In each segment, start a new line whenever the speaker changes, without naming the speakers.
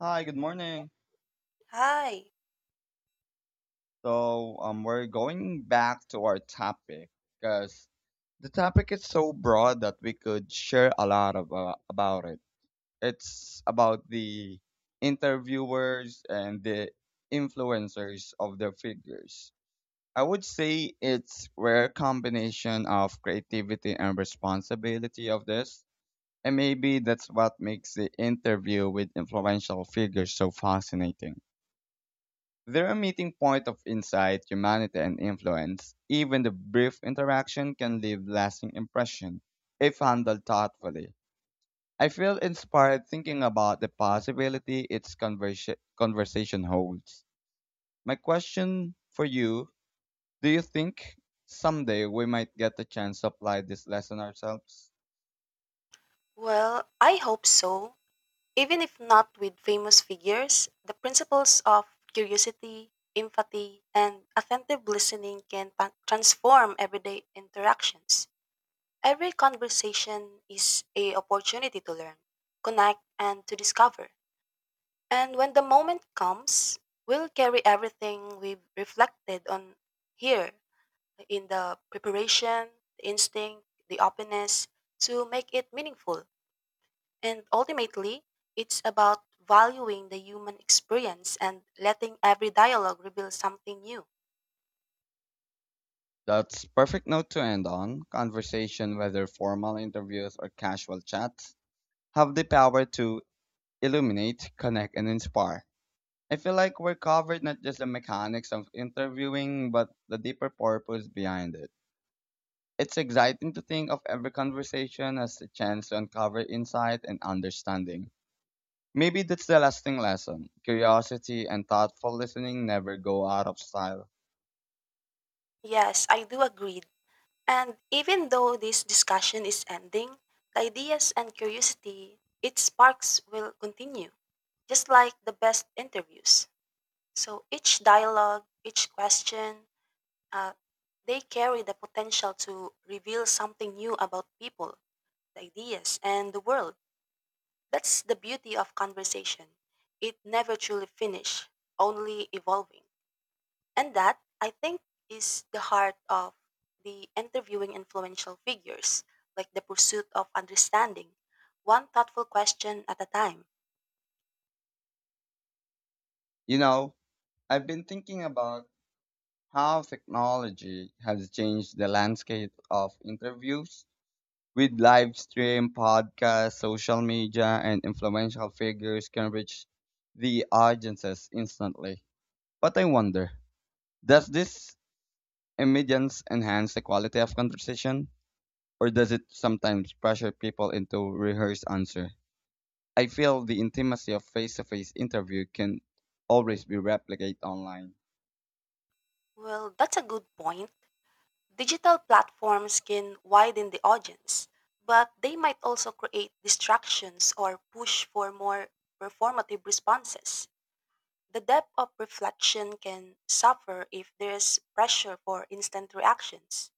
Hi, good morning.
Hi.
We're going back to our topic because the topic is so broad that we could share a lot of, about it. It's about the interviewers and the influencers of their figures. I would say it's rare combination of creativity and responsibility of this. And maybe that's what makes the interview with influential figures so fascinating. They're a meeting point of insight, humanity, and influence. Even the brief interaction can leave lasting impression if handled thoughtfully. I feel inspired thinking about the possibility its conversation holds. My question for you, do you think someday we might get the chance to apply this lesson ourselves?
Well, I hope so. Even if not with famous figures, the principles of curiosity, empathy, and attentive listening can transform everyday interactions. Every conversation is a opportunity to learn, connect, and to discover. And when the moment comes, we'll carry everything we've reflected on here in the preparation, the instinct, the openness to make it meaningful. And ultimately, it's about valuing the human experience and letting every dialogue reveal something new.
That's perfect note to end on. Conversation, whether formal interviews or casual chats, have the power to illuminate, connect, and inspire. I feel like we're covered not just the mechanics of interviewing, but the deeper purpose behind it. It's exciting to think of every conversation as a chance to uncover insight and understanding. Maybe that's the lasting lesson. Curiosity and thoughtful listening never go out of style.
Yes, I do agree. And even though this discussion is ending, the ideas and curiosity it sparks will continue, just like the best interviews. So each dialogue, each question, uh, they carry the potential to reveal something new about people, the ideas, and the world. That's the beauty of conversation. It never truly finishes, only evolving. And that, I think, is the heart of the interviewing influential figures, like the pursuit of understanding, one thoughtful question at a time.
You know, I've been thinking about how technology has changed the landscape of interviews with live stream, podcasts, social media, and influential figures can reach the audiences instantly. But I wonder, does this immediance enhance the quality of conversation, or does it sometimes pressure people into rehearsed answer? I feel the intimacy of face-to-face interview can always be replicated online.
Well, that's a good point. Digital platforms can widen the audience, but they might also create distractions or push for more performative responses. The depth of reflection can suffer if there's pressure for instant reactions.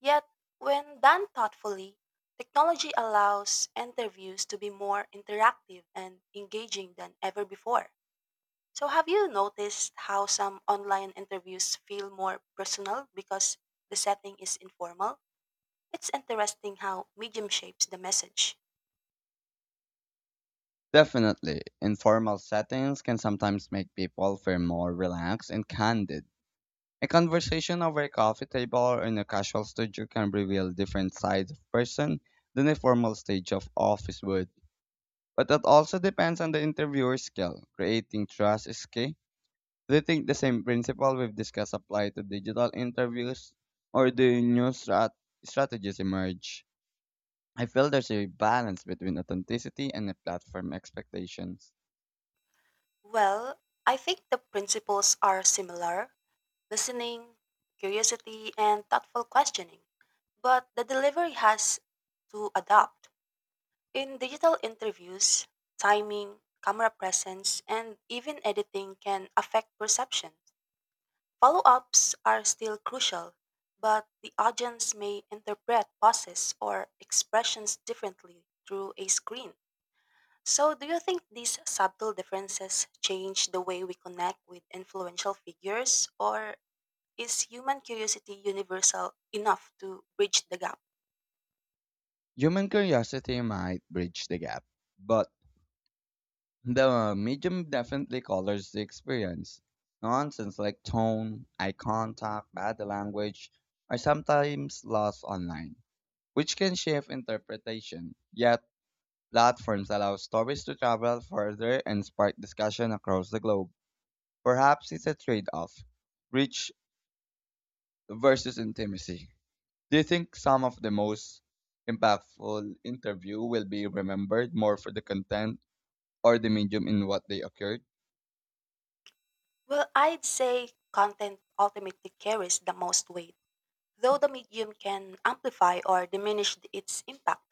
Yet, when done thoughtfully, technology allows interviews to be more interactive and engaging than ever before. So, have you noticed how some online interviews feel more personal because the setting is informal? It's interesting how medium shapes the message.
Definitely, informal settings can sometimes make people feel more relaxed and candid. A conversation over a coffee table or in a casual studio can reveal different sides of person than a formal stage of office would. But that also depends on the interviewer's skill. Creating trust is key. Do you think the same principle we've discussed apply to digital interviews, or do new strategies emerge? I feel there's a balance between authenticity and the platform expectations.
Well, I think the principles are similar listening, curiosity, and thoughtful questioning. But the delivery has to adapt. In digital interviews, timing, camera presence, and even editing can affect perception. Follow ups are still crucial, but the audience may interpret pauses or expressions differently through a screen. So, do you think these subtle differences change the way we connect with influential figures, or is human curiosity universal enough to bridge the gap?
Human curiosity might bridge the gap, but the medium definitely colors the experience. Nonsense like tone, eye contact, body language are sometimes lost online, which can shift interpretation. Yet, platforms allow stories to travel further and spark discussion across the globe. Perhaps it's a trade off, reach versus intimacy. Do you think some of the most impactful interview will be remembered more for the content or the medium in what they occurred?
Well, I'd say content ultimately carries the most weight, though the medium can amplify or diminish its impact.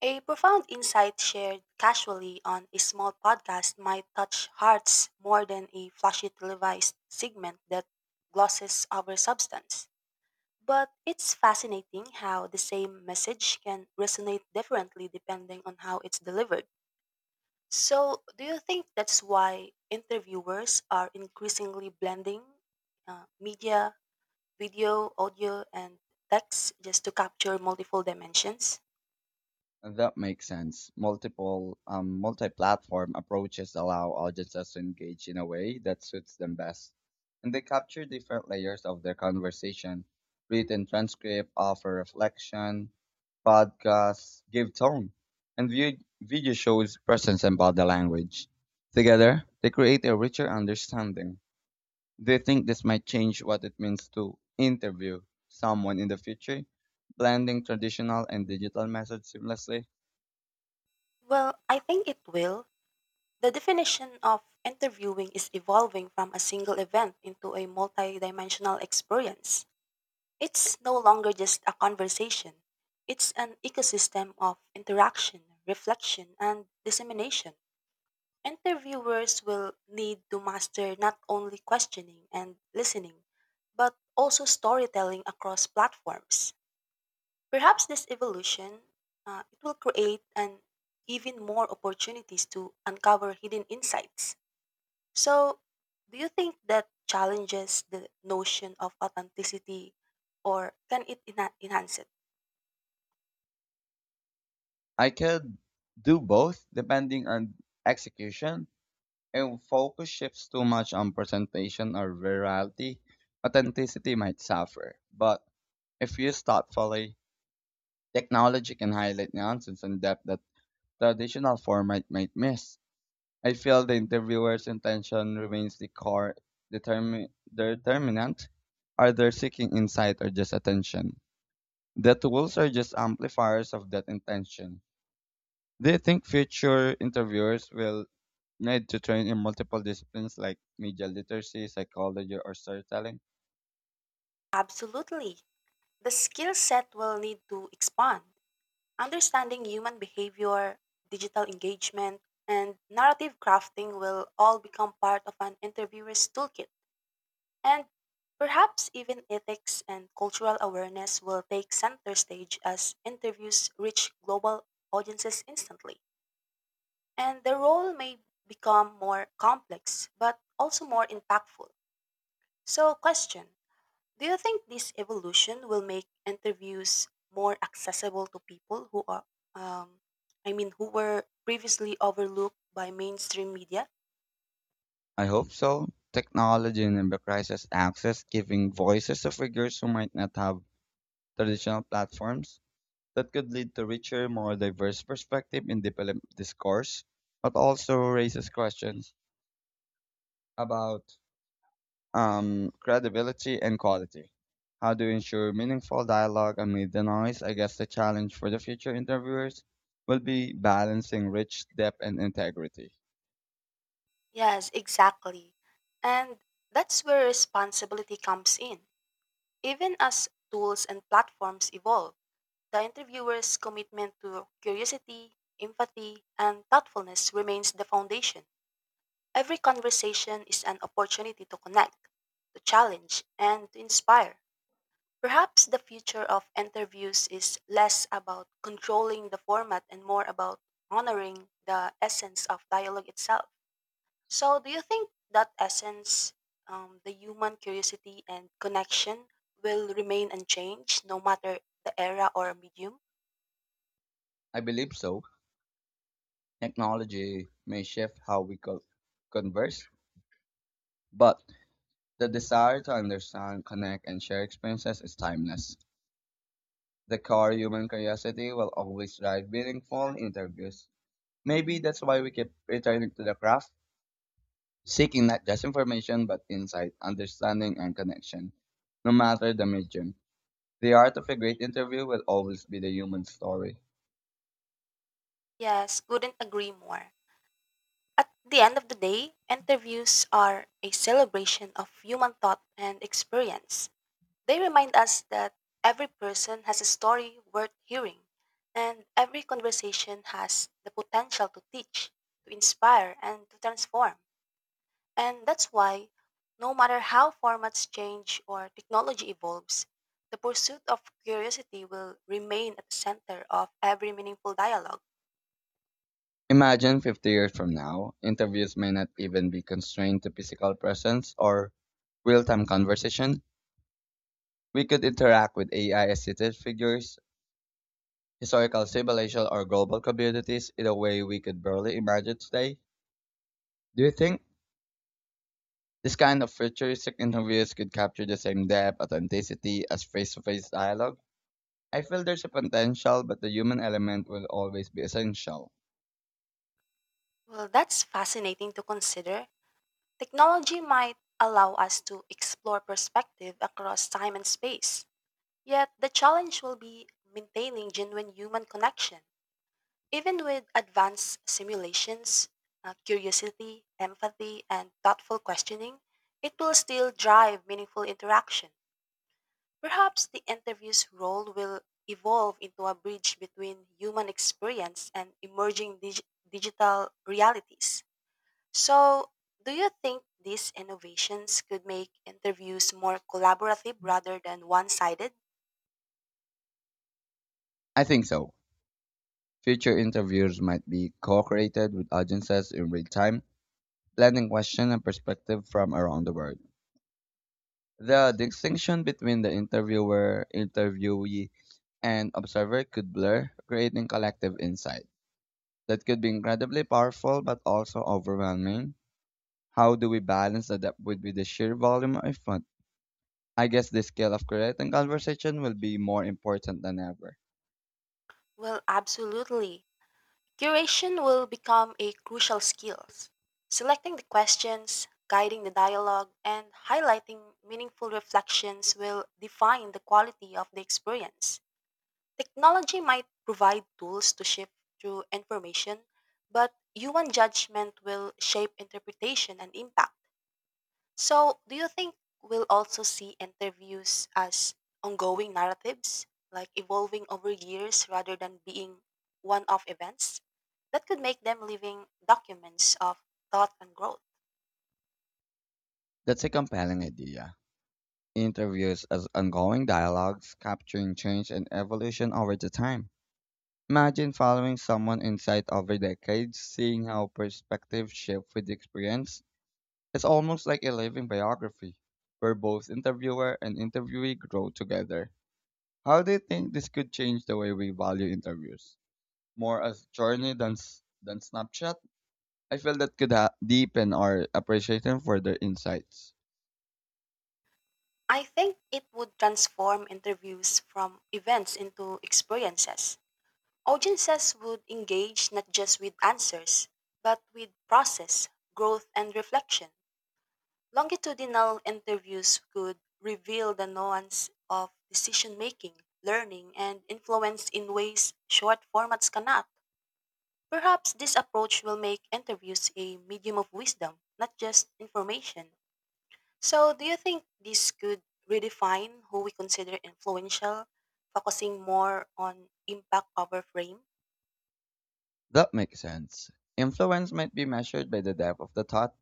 A profound insight shared casually on a small podcast might touch hearts more than a flashy televised segment that glosses over substance. But it's fascinating how the same message can resonate differently depending on how it's delivered. So, do you think that's why interviewers are increasingly blending media, video, audio, and text just to capture multiple dimensions?
That makes sense. Multiple Multi-platform approaches allow audiences to engage in a way that suits them best, and they capture different layers of their conversation. Written transcript, offer reflection, podcasts, give tone, and video shows presence and body language. Together, they create a richer understanding. Do you think this might change what it means to interview someone in the future, blending traditional and digital methods seamlessly?
Well, I think it will. The definition of interviewing is evolving from a single event into a multi dimensional experience. It's no longer just a conversation, it's an ecosystem of interaction, reflection, and dissemination. Interviewers will need to master not only questioning and listening, but also storytelling across platforms. Perhaps this evolution it will create an even more opportunities to uncover hidden insights. So, do you think that challenges the notion of authenticity, or can it enhance it?
I could do both depending on execution. If focus shifts too much on presentation or virality, authenticity might suffer. But if used thoughtfully, technology can highlight nuances and depth that traditional format might miss. I feel the interviewer's intention remains the core determinant. Are they seeking insight or just attention? The tools are just amplifiers of that intention. Do you think future interviewers will need to train in multiple disciplines like media literacy, psychology, or storytelling?
Absolutely. The skill set will need to expand understanding human behavior, digital engagement, and narrative crafting will all become part of an interviewer's toolkit. And perhaps even ethics and cultural awareness will take center stage as interviews reach global audiences instantly. And the role may become more complex, but also more impactful. So, question, do you think this evolution will make interviews more accessible to people who are, um, who were previously overlooked by mainstream media?
I hope so. Technology and democratizes access, giving voices to figures who might not have traditional platforms. That could lead to richer, more diverse perspective in development discourse, but also raises questions about, credibility and quality. How do you ensure meaningful dialogue amid the noise? I guess the challenge for the future interviewers will be balancing rich depth and integrity.
Yes, exactly. And that's where responsibility comes in. Even as tools and platforms evolve, the interviewer's commitment to curiosity, empathy, and thoughtfulness remains the foundation. Every conversation is an opportunity to connect, to challenge, and to inspire. Perhaps the future of interviews is less about controlling the format and more about honoring the essence of dialogue itself. So, do you think that essence, the human curiosity and connection, will remain unchanged no matter the era or medium?
I believe so. Technology may shift how we converse, but the desire to understand, connect, and share experiences is timeless. The core human curiosity will always drive meaningful interviews. Maybe that's why we keep returning to the craft, seeking not just information but insight, understanding, and connection. No matter the medium, the art of a great interview will always be the human story.
Yes, couldn't agree more. At the end of the day, interviews are a celebration of human thought and experience. They remind us that every person has a story worth hearing, and every conversation has the potential to teach, to inspire, and to transform. And that's why, no matter how formats change or technology evolves, the pursuit of curiosity will remain at the center of every meaningful dialogue.
Imagine 50 years from now, interviews may not even be constrained to physical presence or real time conversation. We could interact with AI assisted figures, historical civilizations, or global communities in a way we could barely imagine today. Do you think this kind of futuristic interviews could capture the same depth, authenticity as face to face dialogue? I feel there's a potential, but the human element will always be essential.
Well, that's fascinating to consider. Technology might allow us to explore perspective across time and space. Yet the challenge will be maintaining genuine human connection. Even with advanced simulations, curiosity, empathy, and thoughtful questioning, it will still drive meaningful interaction. Perhaps the interview's role will evolve into a bridge between human experience and emerging digital realities. So, do you think these innovations could make interviews more collaborative rather than one sided?
I think so. Future interviews might be co created with audiences in real time, blending question and perspective from around the world. The distinction between the interviewer, interviewee, and observer could blur, creating collective insight. That could be incredibly powerful but also overwhelming. How do we balance the depth with the sheer volume of fun? I guess the skill of creating conversation will be more important than ever.
Well, absolutely. Curation will become a crucial skill. Selecting the questions, guiding the dialogue, and highlighting meaningful reflections will define the quality of the experience. Technology might provide tools to shift through information, but human judgment will shape interpretation and impact. So, do you think we'll also see interviews as ongoing narratives, like evolving over years rather than being one off events? That could make them living documents of thought and growth.
That's a compelling idea. Interviews as ongoing dialogues, capturing change and evolution over the time. Imagine following someone insight over decades, seeing how perspectives shift with experience. It's almost like a living biography, where both interviewer and interviewee grow together. How do you think this could change the way we value interviews? More as journey than than snapshot? I feel that could deepen our appreciation for their insights.
I think it would transform interviews from events into experiences. Audiences would engage not just with answers, but with process, growth, and reflection. Longitudinal interviews could reveal the nuance of decision making, learning, and influence in ways short formats cannot. Perhaps this approach will make interviews a medium of wisdom, not just information. So, do you think this could redefine who we consider influential, focusing more on impact over frame?
That makes sense. Influence might be measured by the depth of the thought,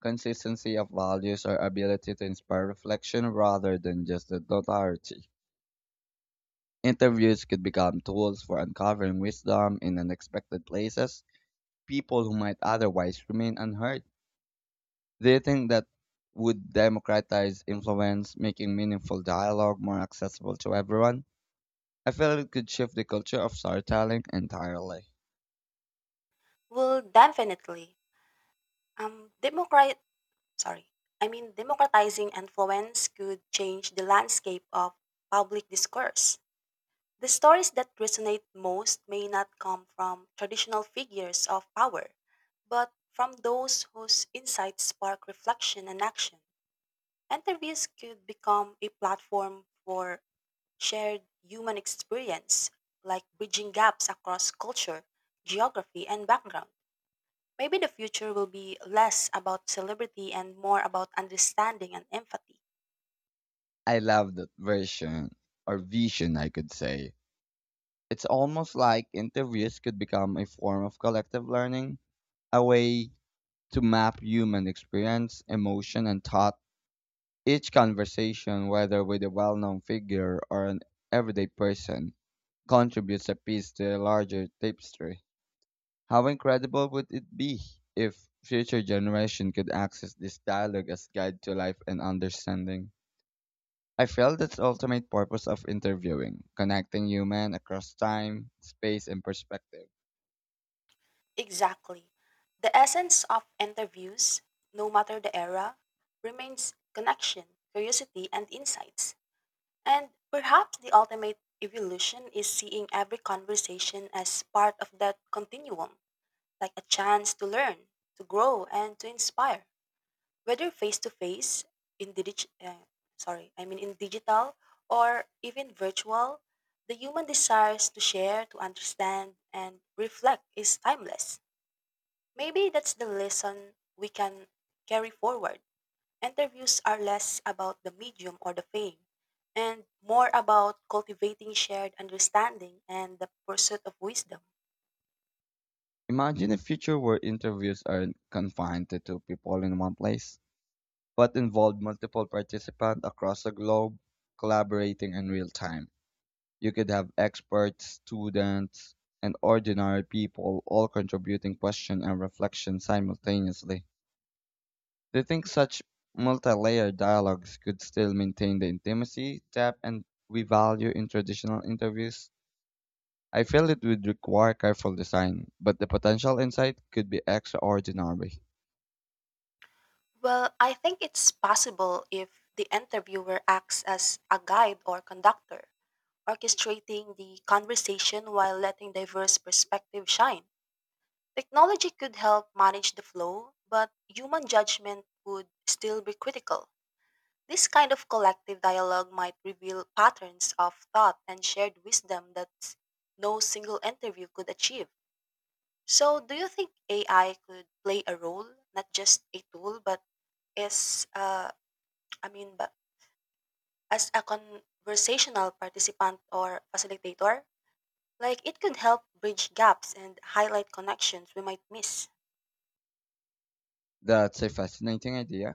consistency of values, or ability to inspire reflection rather than just the notoriety. Interviews could become tools for uncovering wisdom in unexpected places, people who might otherwise remain unheard. Do you think that would democratize influence, making meaningful dialogue more accessible to everyone? I feel it could shift the culture of storytelling entirely.
Well, definitely. Um, democrat- sorry. Democratizing influence could change the landscape of public discourse. The stories that resonate most may not come from traditional figures of power, but from those whose insights spark reflection and action. Interviews could become a platform for shared human experience, like bridging gaps across culture, geography, and background. Maybe the future will be less about celebrity and more about understanding and empathy.
I love that version, or vision, I could say. It's almost like interviews could become a form of collective learning, a way to map human experience, emotion, and thought. Each conversation, whether with a well known figure or an everyday person, contributes a piece to a larger tapestry. How incredible would it be if future generation could access this dialogue as guide to life and understanding? I feel that's the ultimate purpose of interviewing, connecting human across time, space, and perspective.
Exactly. The essence of interviews, no matter the era, remains connection, curiosity, and insights. And perhaps the ultimate evolution is seeing every conversation as part of that continuum, like a chance to learn, to grow, and to inspire. Whether face to face, in digi- sorry, I mean in digital or even virtual, the human desires to share, to understand, and reflect is timeless. Maybe that's the lesson we can carry forward. Interviews are less about the medium or the fame and more about cultivating shared understanding and the pursuit of wisdom.
Imagine a future where interviews aren't confined to two people in one place, but involve multiple participants across the globe collaborating in real time. You could have experts, students, and ordinary people all contributing questions and reflection simultaneously. Do you think such multi-layered dialogues could still maintain the intimacy, depth, and we value in traditional interviews? I feel it would require careful design, but the potential insight could be extraordinary.
Well, I think it's possible if the interviewer acts as a guide or conductor orchestrating the conversation while letting diverse perspectives shine. Technology could help manage the flow, but human judgment would still be critical. This kind of collective dialogue might reveal patterns of thought and shared wisdom that no single interview could achieve. So, do you think AI could play a role, not just a tool, but as uh, I mean, but as a conversational participant or facilitator? Like it could help bridge gaps and highlight connections we might miss.
That's a fascinating idea.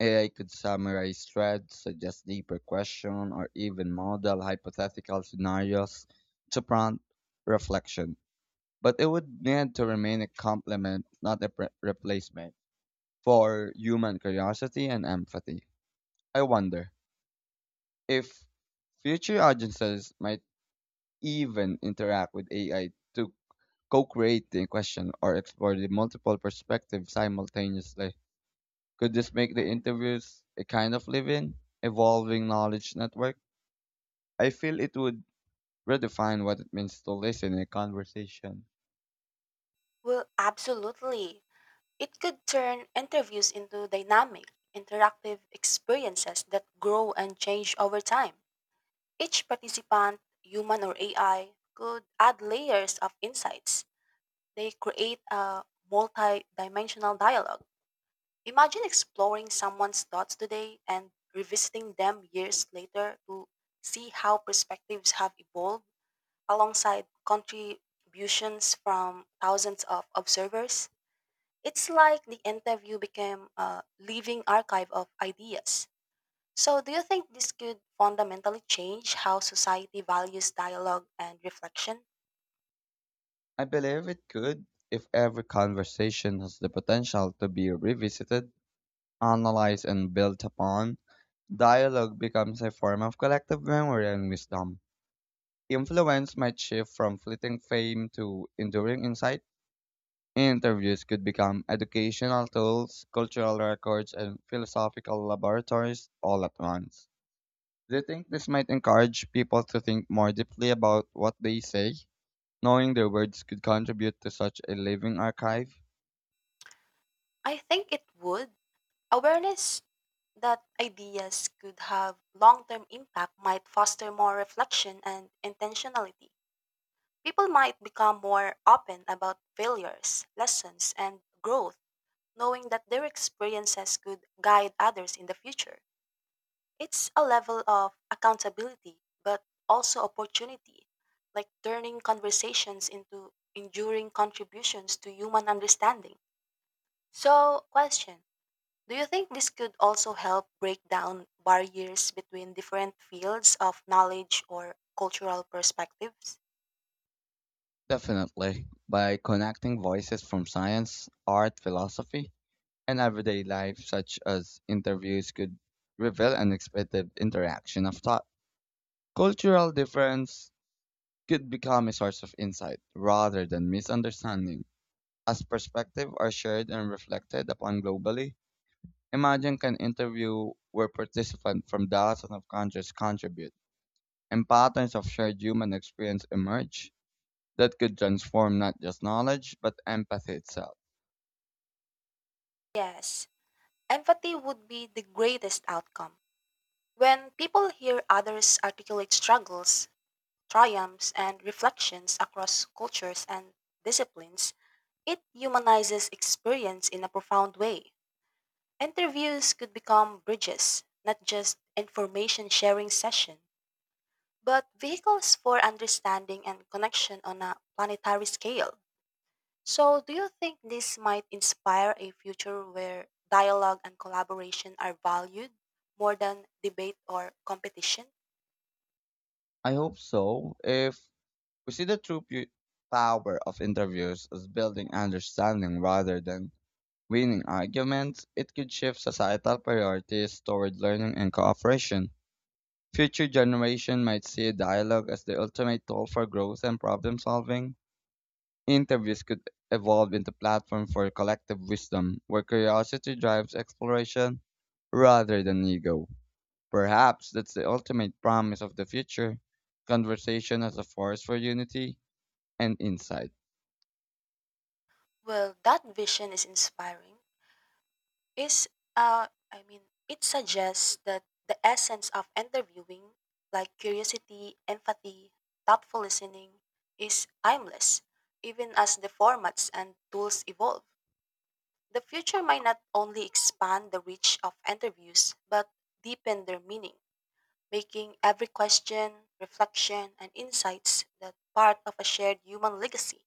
AI could summarize threads, suggest deeper questions, or even model hypothetical scenarios to prompt reflection. But it would need to remain a complement, not a replacement, for human curiosity and empathy. I wonder if future audiences might even interact with AI to co create the question or explore the multiple perspectives simultaneously. Could this make the interviews a kind of living, evolving knowledge network? I feel it would redefine what it means to listen in a conversation.
Well, absolutely. It could turn interviews into dynamic, interactive experiences that grow and change over time. Each participant, human or AI, could add layers of insights. They create a multi dimensional dialogue. Imagine exploring someone's thoughts today and revisiting them years later to see how perspectives have evolved alongside contributions from thousands of observers. It's like the interview became a living archive of ideas. So, do you think this could fundamentally change how society values dialogue and reflection?
I believe it could if every conversation has the potential to be revisited, analyzed, and built upon. Dialogue becomes a form of collective memory and wisdom. Influence might shift from fleeting fame to enduring insight. Interviews could become educational tools, cultural records, and philosophical laboratories all at once. Do you think this might encourage people to think more deeply about what they say, knowing their words could contribute to such a living archive?
I think it would. Awareness that ideas could have long term impact might foster more reflection and intentionality. People might become more open about failures, lessons, and growth knowing that their experiences could guide others in the future. It's a level of accountability, but also opportunity, like turning conversations into enduring contributions to human understanding. So, question, do you think this could also help break down barriers between different fields of knowledge or cultural perspectives?
Definitely. By connecting voices from science, art, philosophy, and everyday life, such as interviews, could reveal unexpected interaction of thought. Cultural difference could become a source of insight rather than misunderstanding. As perspective are shared and reflected upon globally, imagine an interview where participants from dozens of countries contribute and patterns of shared human experience emerge that could transform not just knowledge but empathy itself.
Yes, empathy would be the greatest outcome. When people hear others articulate struggles, triumphs and reflections across cultures and disciplines, it humanizes experience in a profound way. Interviews could become bridges, not just information sharing session, but vehicles for understanding and connection on a planetary scale. So, do you think this might inspire a future where dialogue and collaboration are valued more than debate or competition?
I hope so. If we see the true power of interviews as building understanding rather than winning arguments, it could shift societal priorities toward learning and cooperation. Future generations might see dialogue as the ultimate tool for growth and problem solving. Interviews could evolve into platform for collective wisdom, where curiosity drives exploration rather than ego. Perhaps that's the ultimate promise of the future, conversation as a force for unity and insight.
Well, that vision is inspiring is uh I mean it suggests that the essence of interviewing like curiosity, empathy, thoughtful listening is timeless even as the formats and tools evolve. The future might not only expand the reach of interviews but deepen their meaning, making every question, reflection and insights that part of a shared human legacy.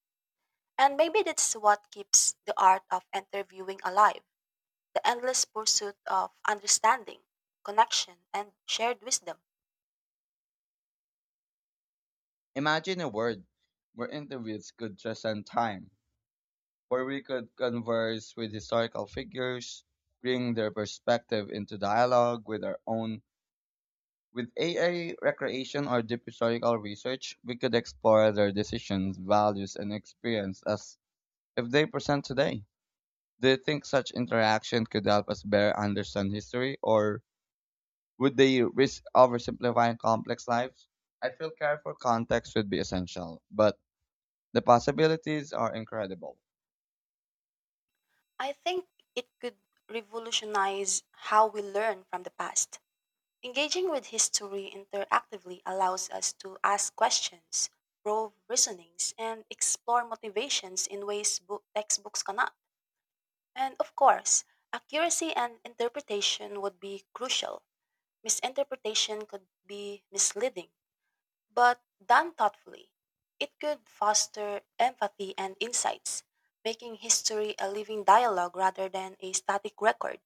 And maybe that's what keeps the art of interviewing alive the endless pursuit of understanding, connection, and shared wisdom.
Imagine a world where interviews could transcend time, where we could converse with historical figures, bring their perspective into dialogue with our own. With AI recreation or deep historical research, we could explore their decisions, values, and experience as if they present today. Do you think such interaction could help us better understand history, or would they risk oversimplifying complex lives? I feel careful context would be essential, but the possibilities are incredible.
I think it could revolutionize how we learn from the past. Engaging with history interactively allows us to ask questions, probe reasonings, and explore motivations in ways book textbooks cannot. And of course, accuracy and interpretation would be crucial. Misinterpretation could be misleading. But done thoughtfully, it could foster empathy and insights, making history a living dialogue rather than a static record.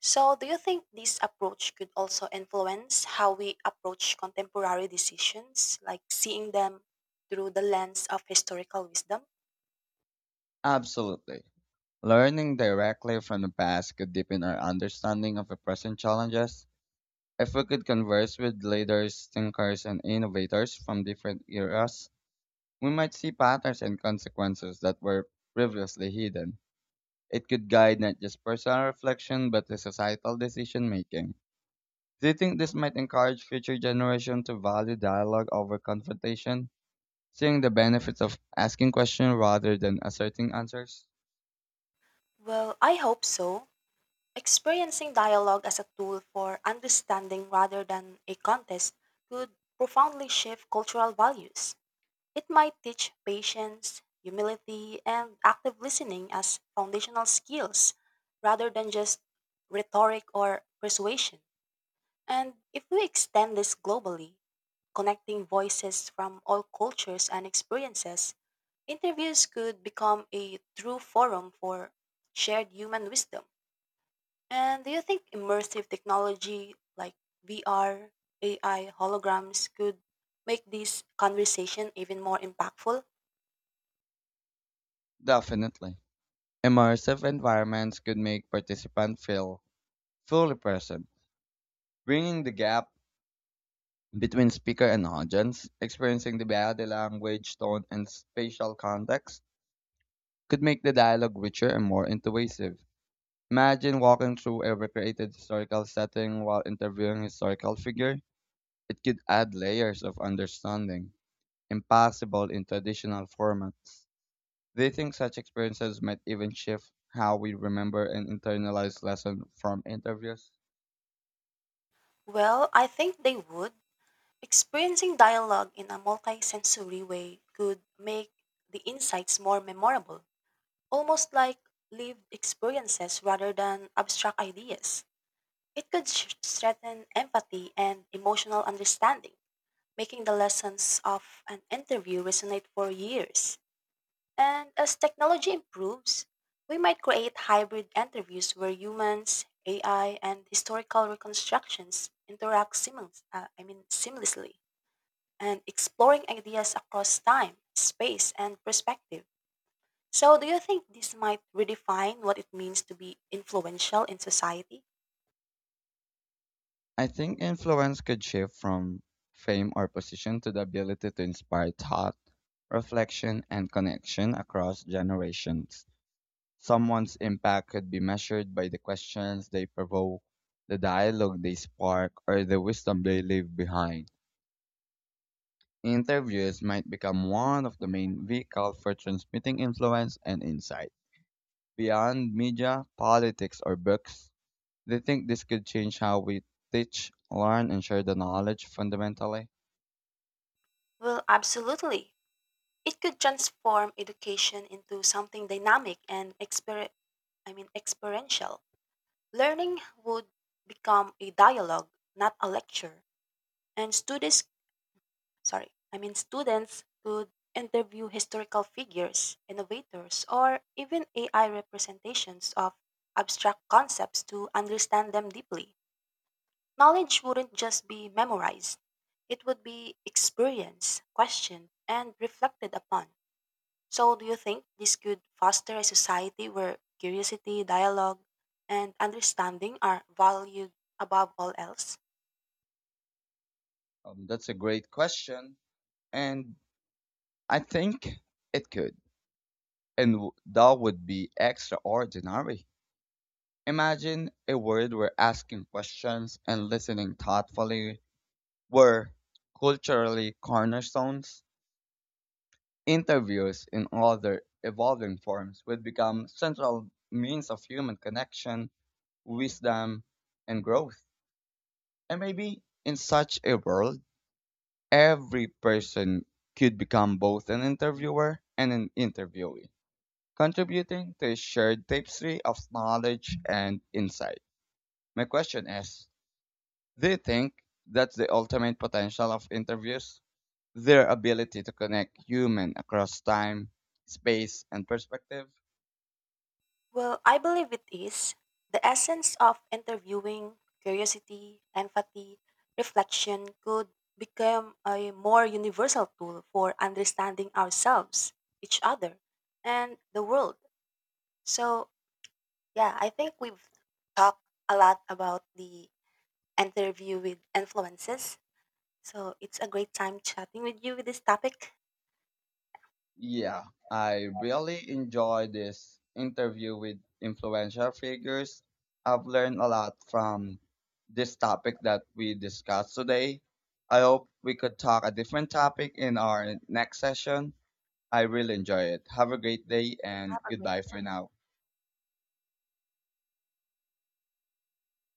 So, do you think this approach could also influence how we approach contemporary decisions, like seeing them through the lens of historical wisdom?
Absolutely. Learning directly from the past could deepen our understanding of the present challenges. If we could converse with leaders, thinkers, and innovators from different eras, we might see patterns and consequences that were previously hidden. It could guide not just personal reflection but the societal decision making. Do you think this might encourage future generations to value dialogue over confrontation, seeing the benefits of asking questions rather than asserting answers?
Well, I hope so. Experiencing dialogue as a tool for understanding rather than a contest could profoundly shift cultural values. It might teach patience, humility, and active listening as foundational skills rather than just rhetoric or persuasion. And if we extend this globally, connecting voices from all cultures and experiences, interviews could become a true forum for shared human wisdom. And do you think immersive technology like VR, AI, holograms could make this conversation even more impactful?
Definitely. Immersive environments could make participants feel fully present, bringing the gap between speaker and audience, experiencing the body language, tone, and spatial context could make the dialogue richer and more intuitive. Imagine walking through a recreated historical setting while interviewing a historical figure. It could add layers of understanding, impossible in traditional formats. Do you think such experiences might even shift how we remember and internalize lessons from interviews?
Well, I think they would. Experiencing dialogue in a multisensory way could make the insights more memorable, almost like lived experiences rather than abstract ideas. It could strengthen empathy and emotional understanding, making the lessons of an interview resonate for years. And as technology improves, we might create hybrid interviews where humans, AI, and historical reconstructions interact seamlessly and exploring ideas across time, space, and perspective. So, do you think this might redefine what it means to be influential in society?
I think influence could shift from fame or position to the ability to inspire thought, reflection, and connection across generations. Someone's impact could be measured by the questions they provoke, the dialogue they spark, or the wisdom they leave behind. Interviews might become one of the main vehicles for transmitting influence and insight. Beyond media, politics, or books, they think this could change how we teach, learn, and share the knowledge fundamentally.
Well, absolutely. It could transform education into something dynamic and experiential. Learning would become a dialogue, not a lecture, and students, sorry, I mean students could interview historical figures, innovators, or even AI representations of abstract concepts to understand them deeply. Knowledge wouldn't just be memorized. It would be experienced, questioned, and reflected upon. So, do you think this could foster a society where curiosity, dialogue, and understanding are valued above all else?
That's a great question, and I think it could, and that would be extraordinary. Imagine a world where asking questions and listening thoughtfully were culturally cornerstones. Interviews in other evolving forms would become central means of human connection, wisdom, and growth. And maybe in such a world, every person could become both an interviewer and an interviewee, contributing to a shared tapestry of knowledge and insight. My question is, do you think that's the ultimate potential of interviews? Their ability to connect human across time, space, and perspective?
Well, I believe it is. The essence of interviewing, curiosity, empathy, reflection could become a more universal tool for understanding ourselves, each other, and the world. So, yeah, I think we've talked a lot about the interview with influences. So it's a great time chatting with you with this topic.
Yeah, I really enjoy this interview with influential figures. I've learned a lot from this topic that we discussed today. I hope we could talk a different topic in our next session. I really enjoy it. Have a great day and
Have a great
goodbye for now.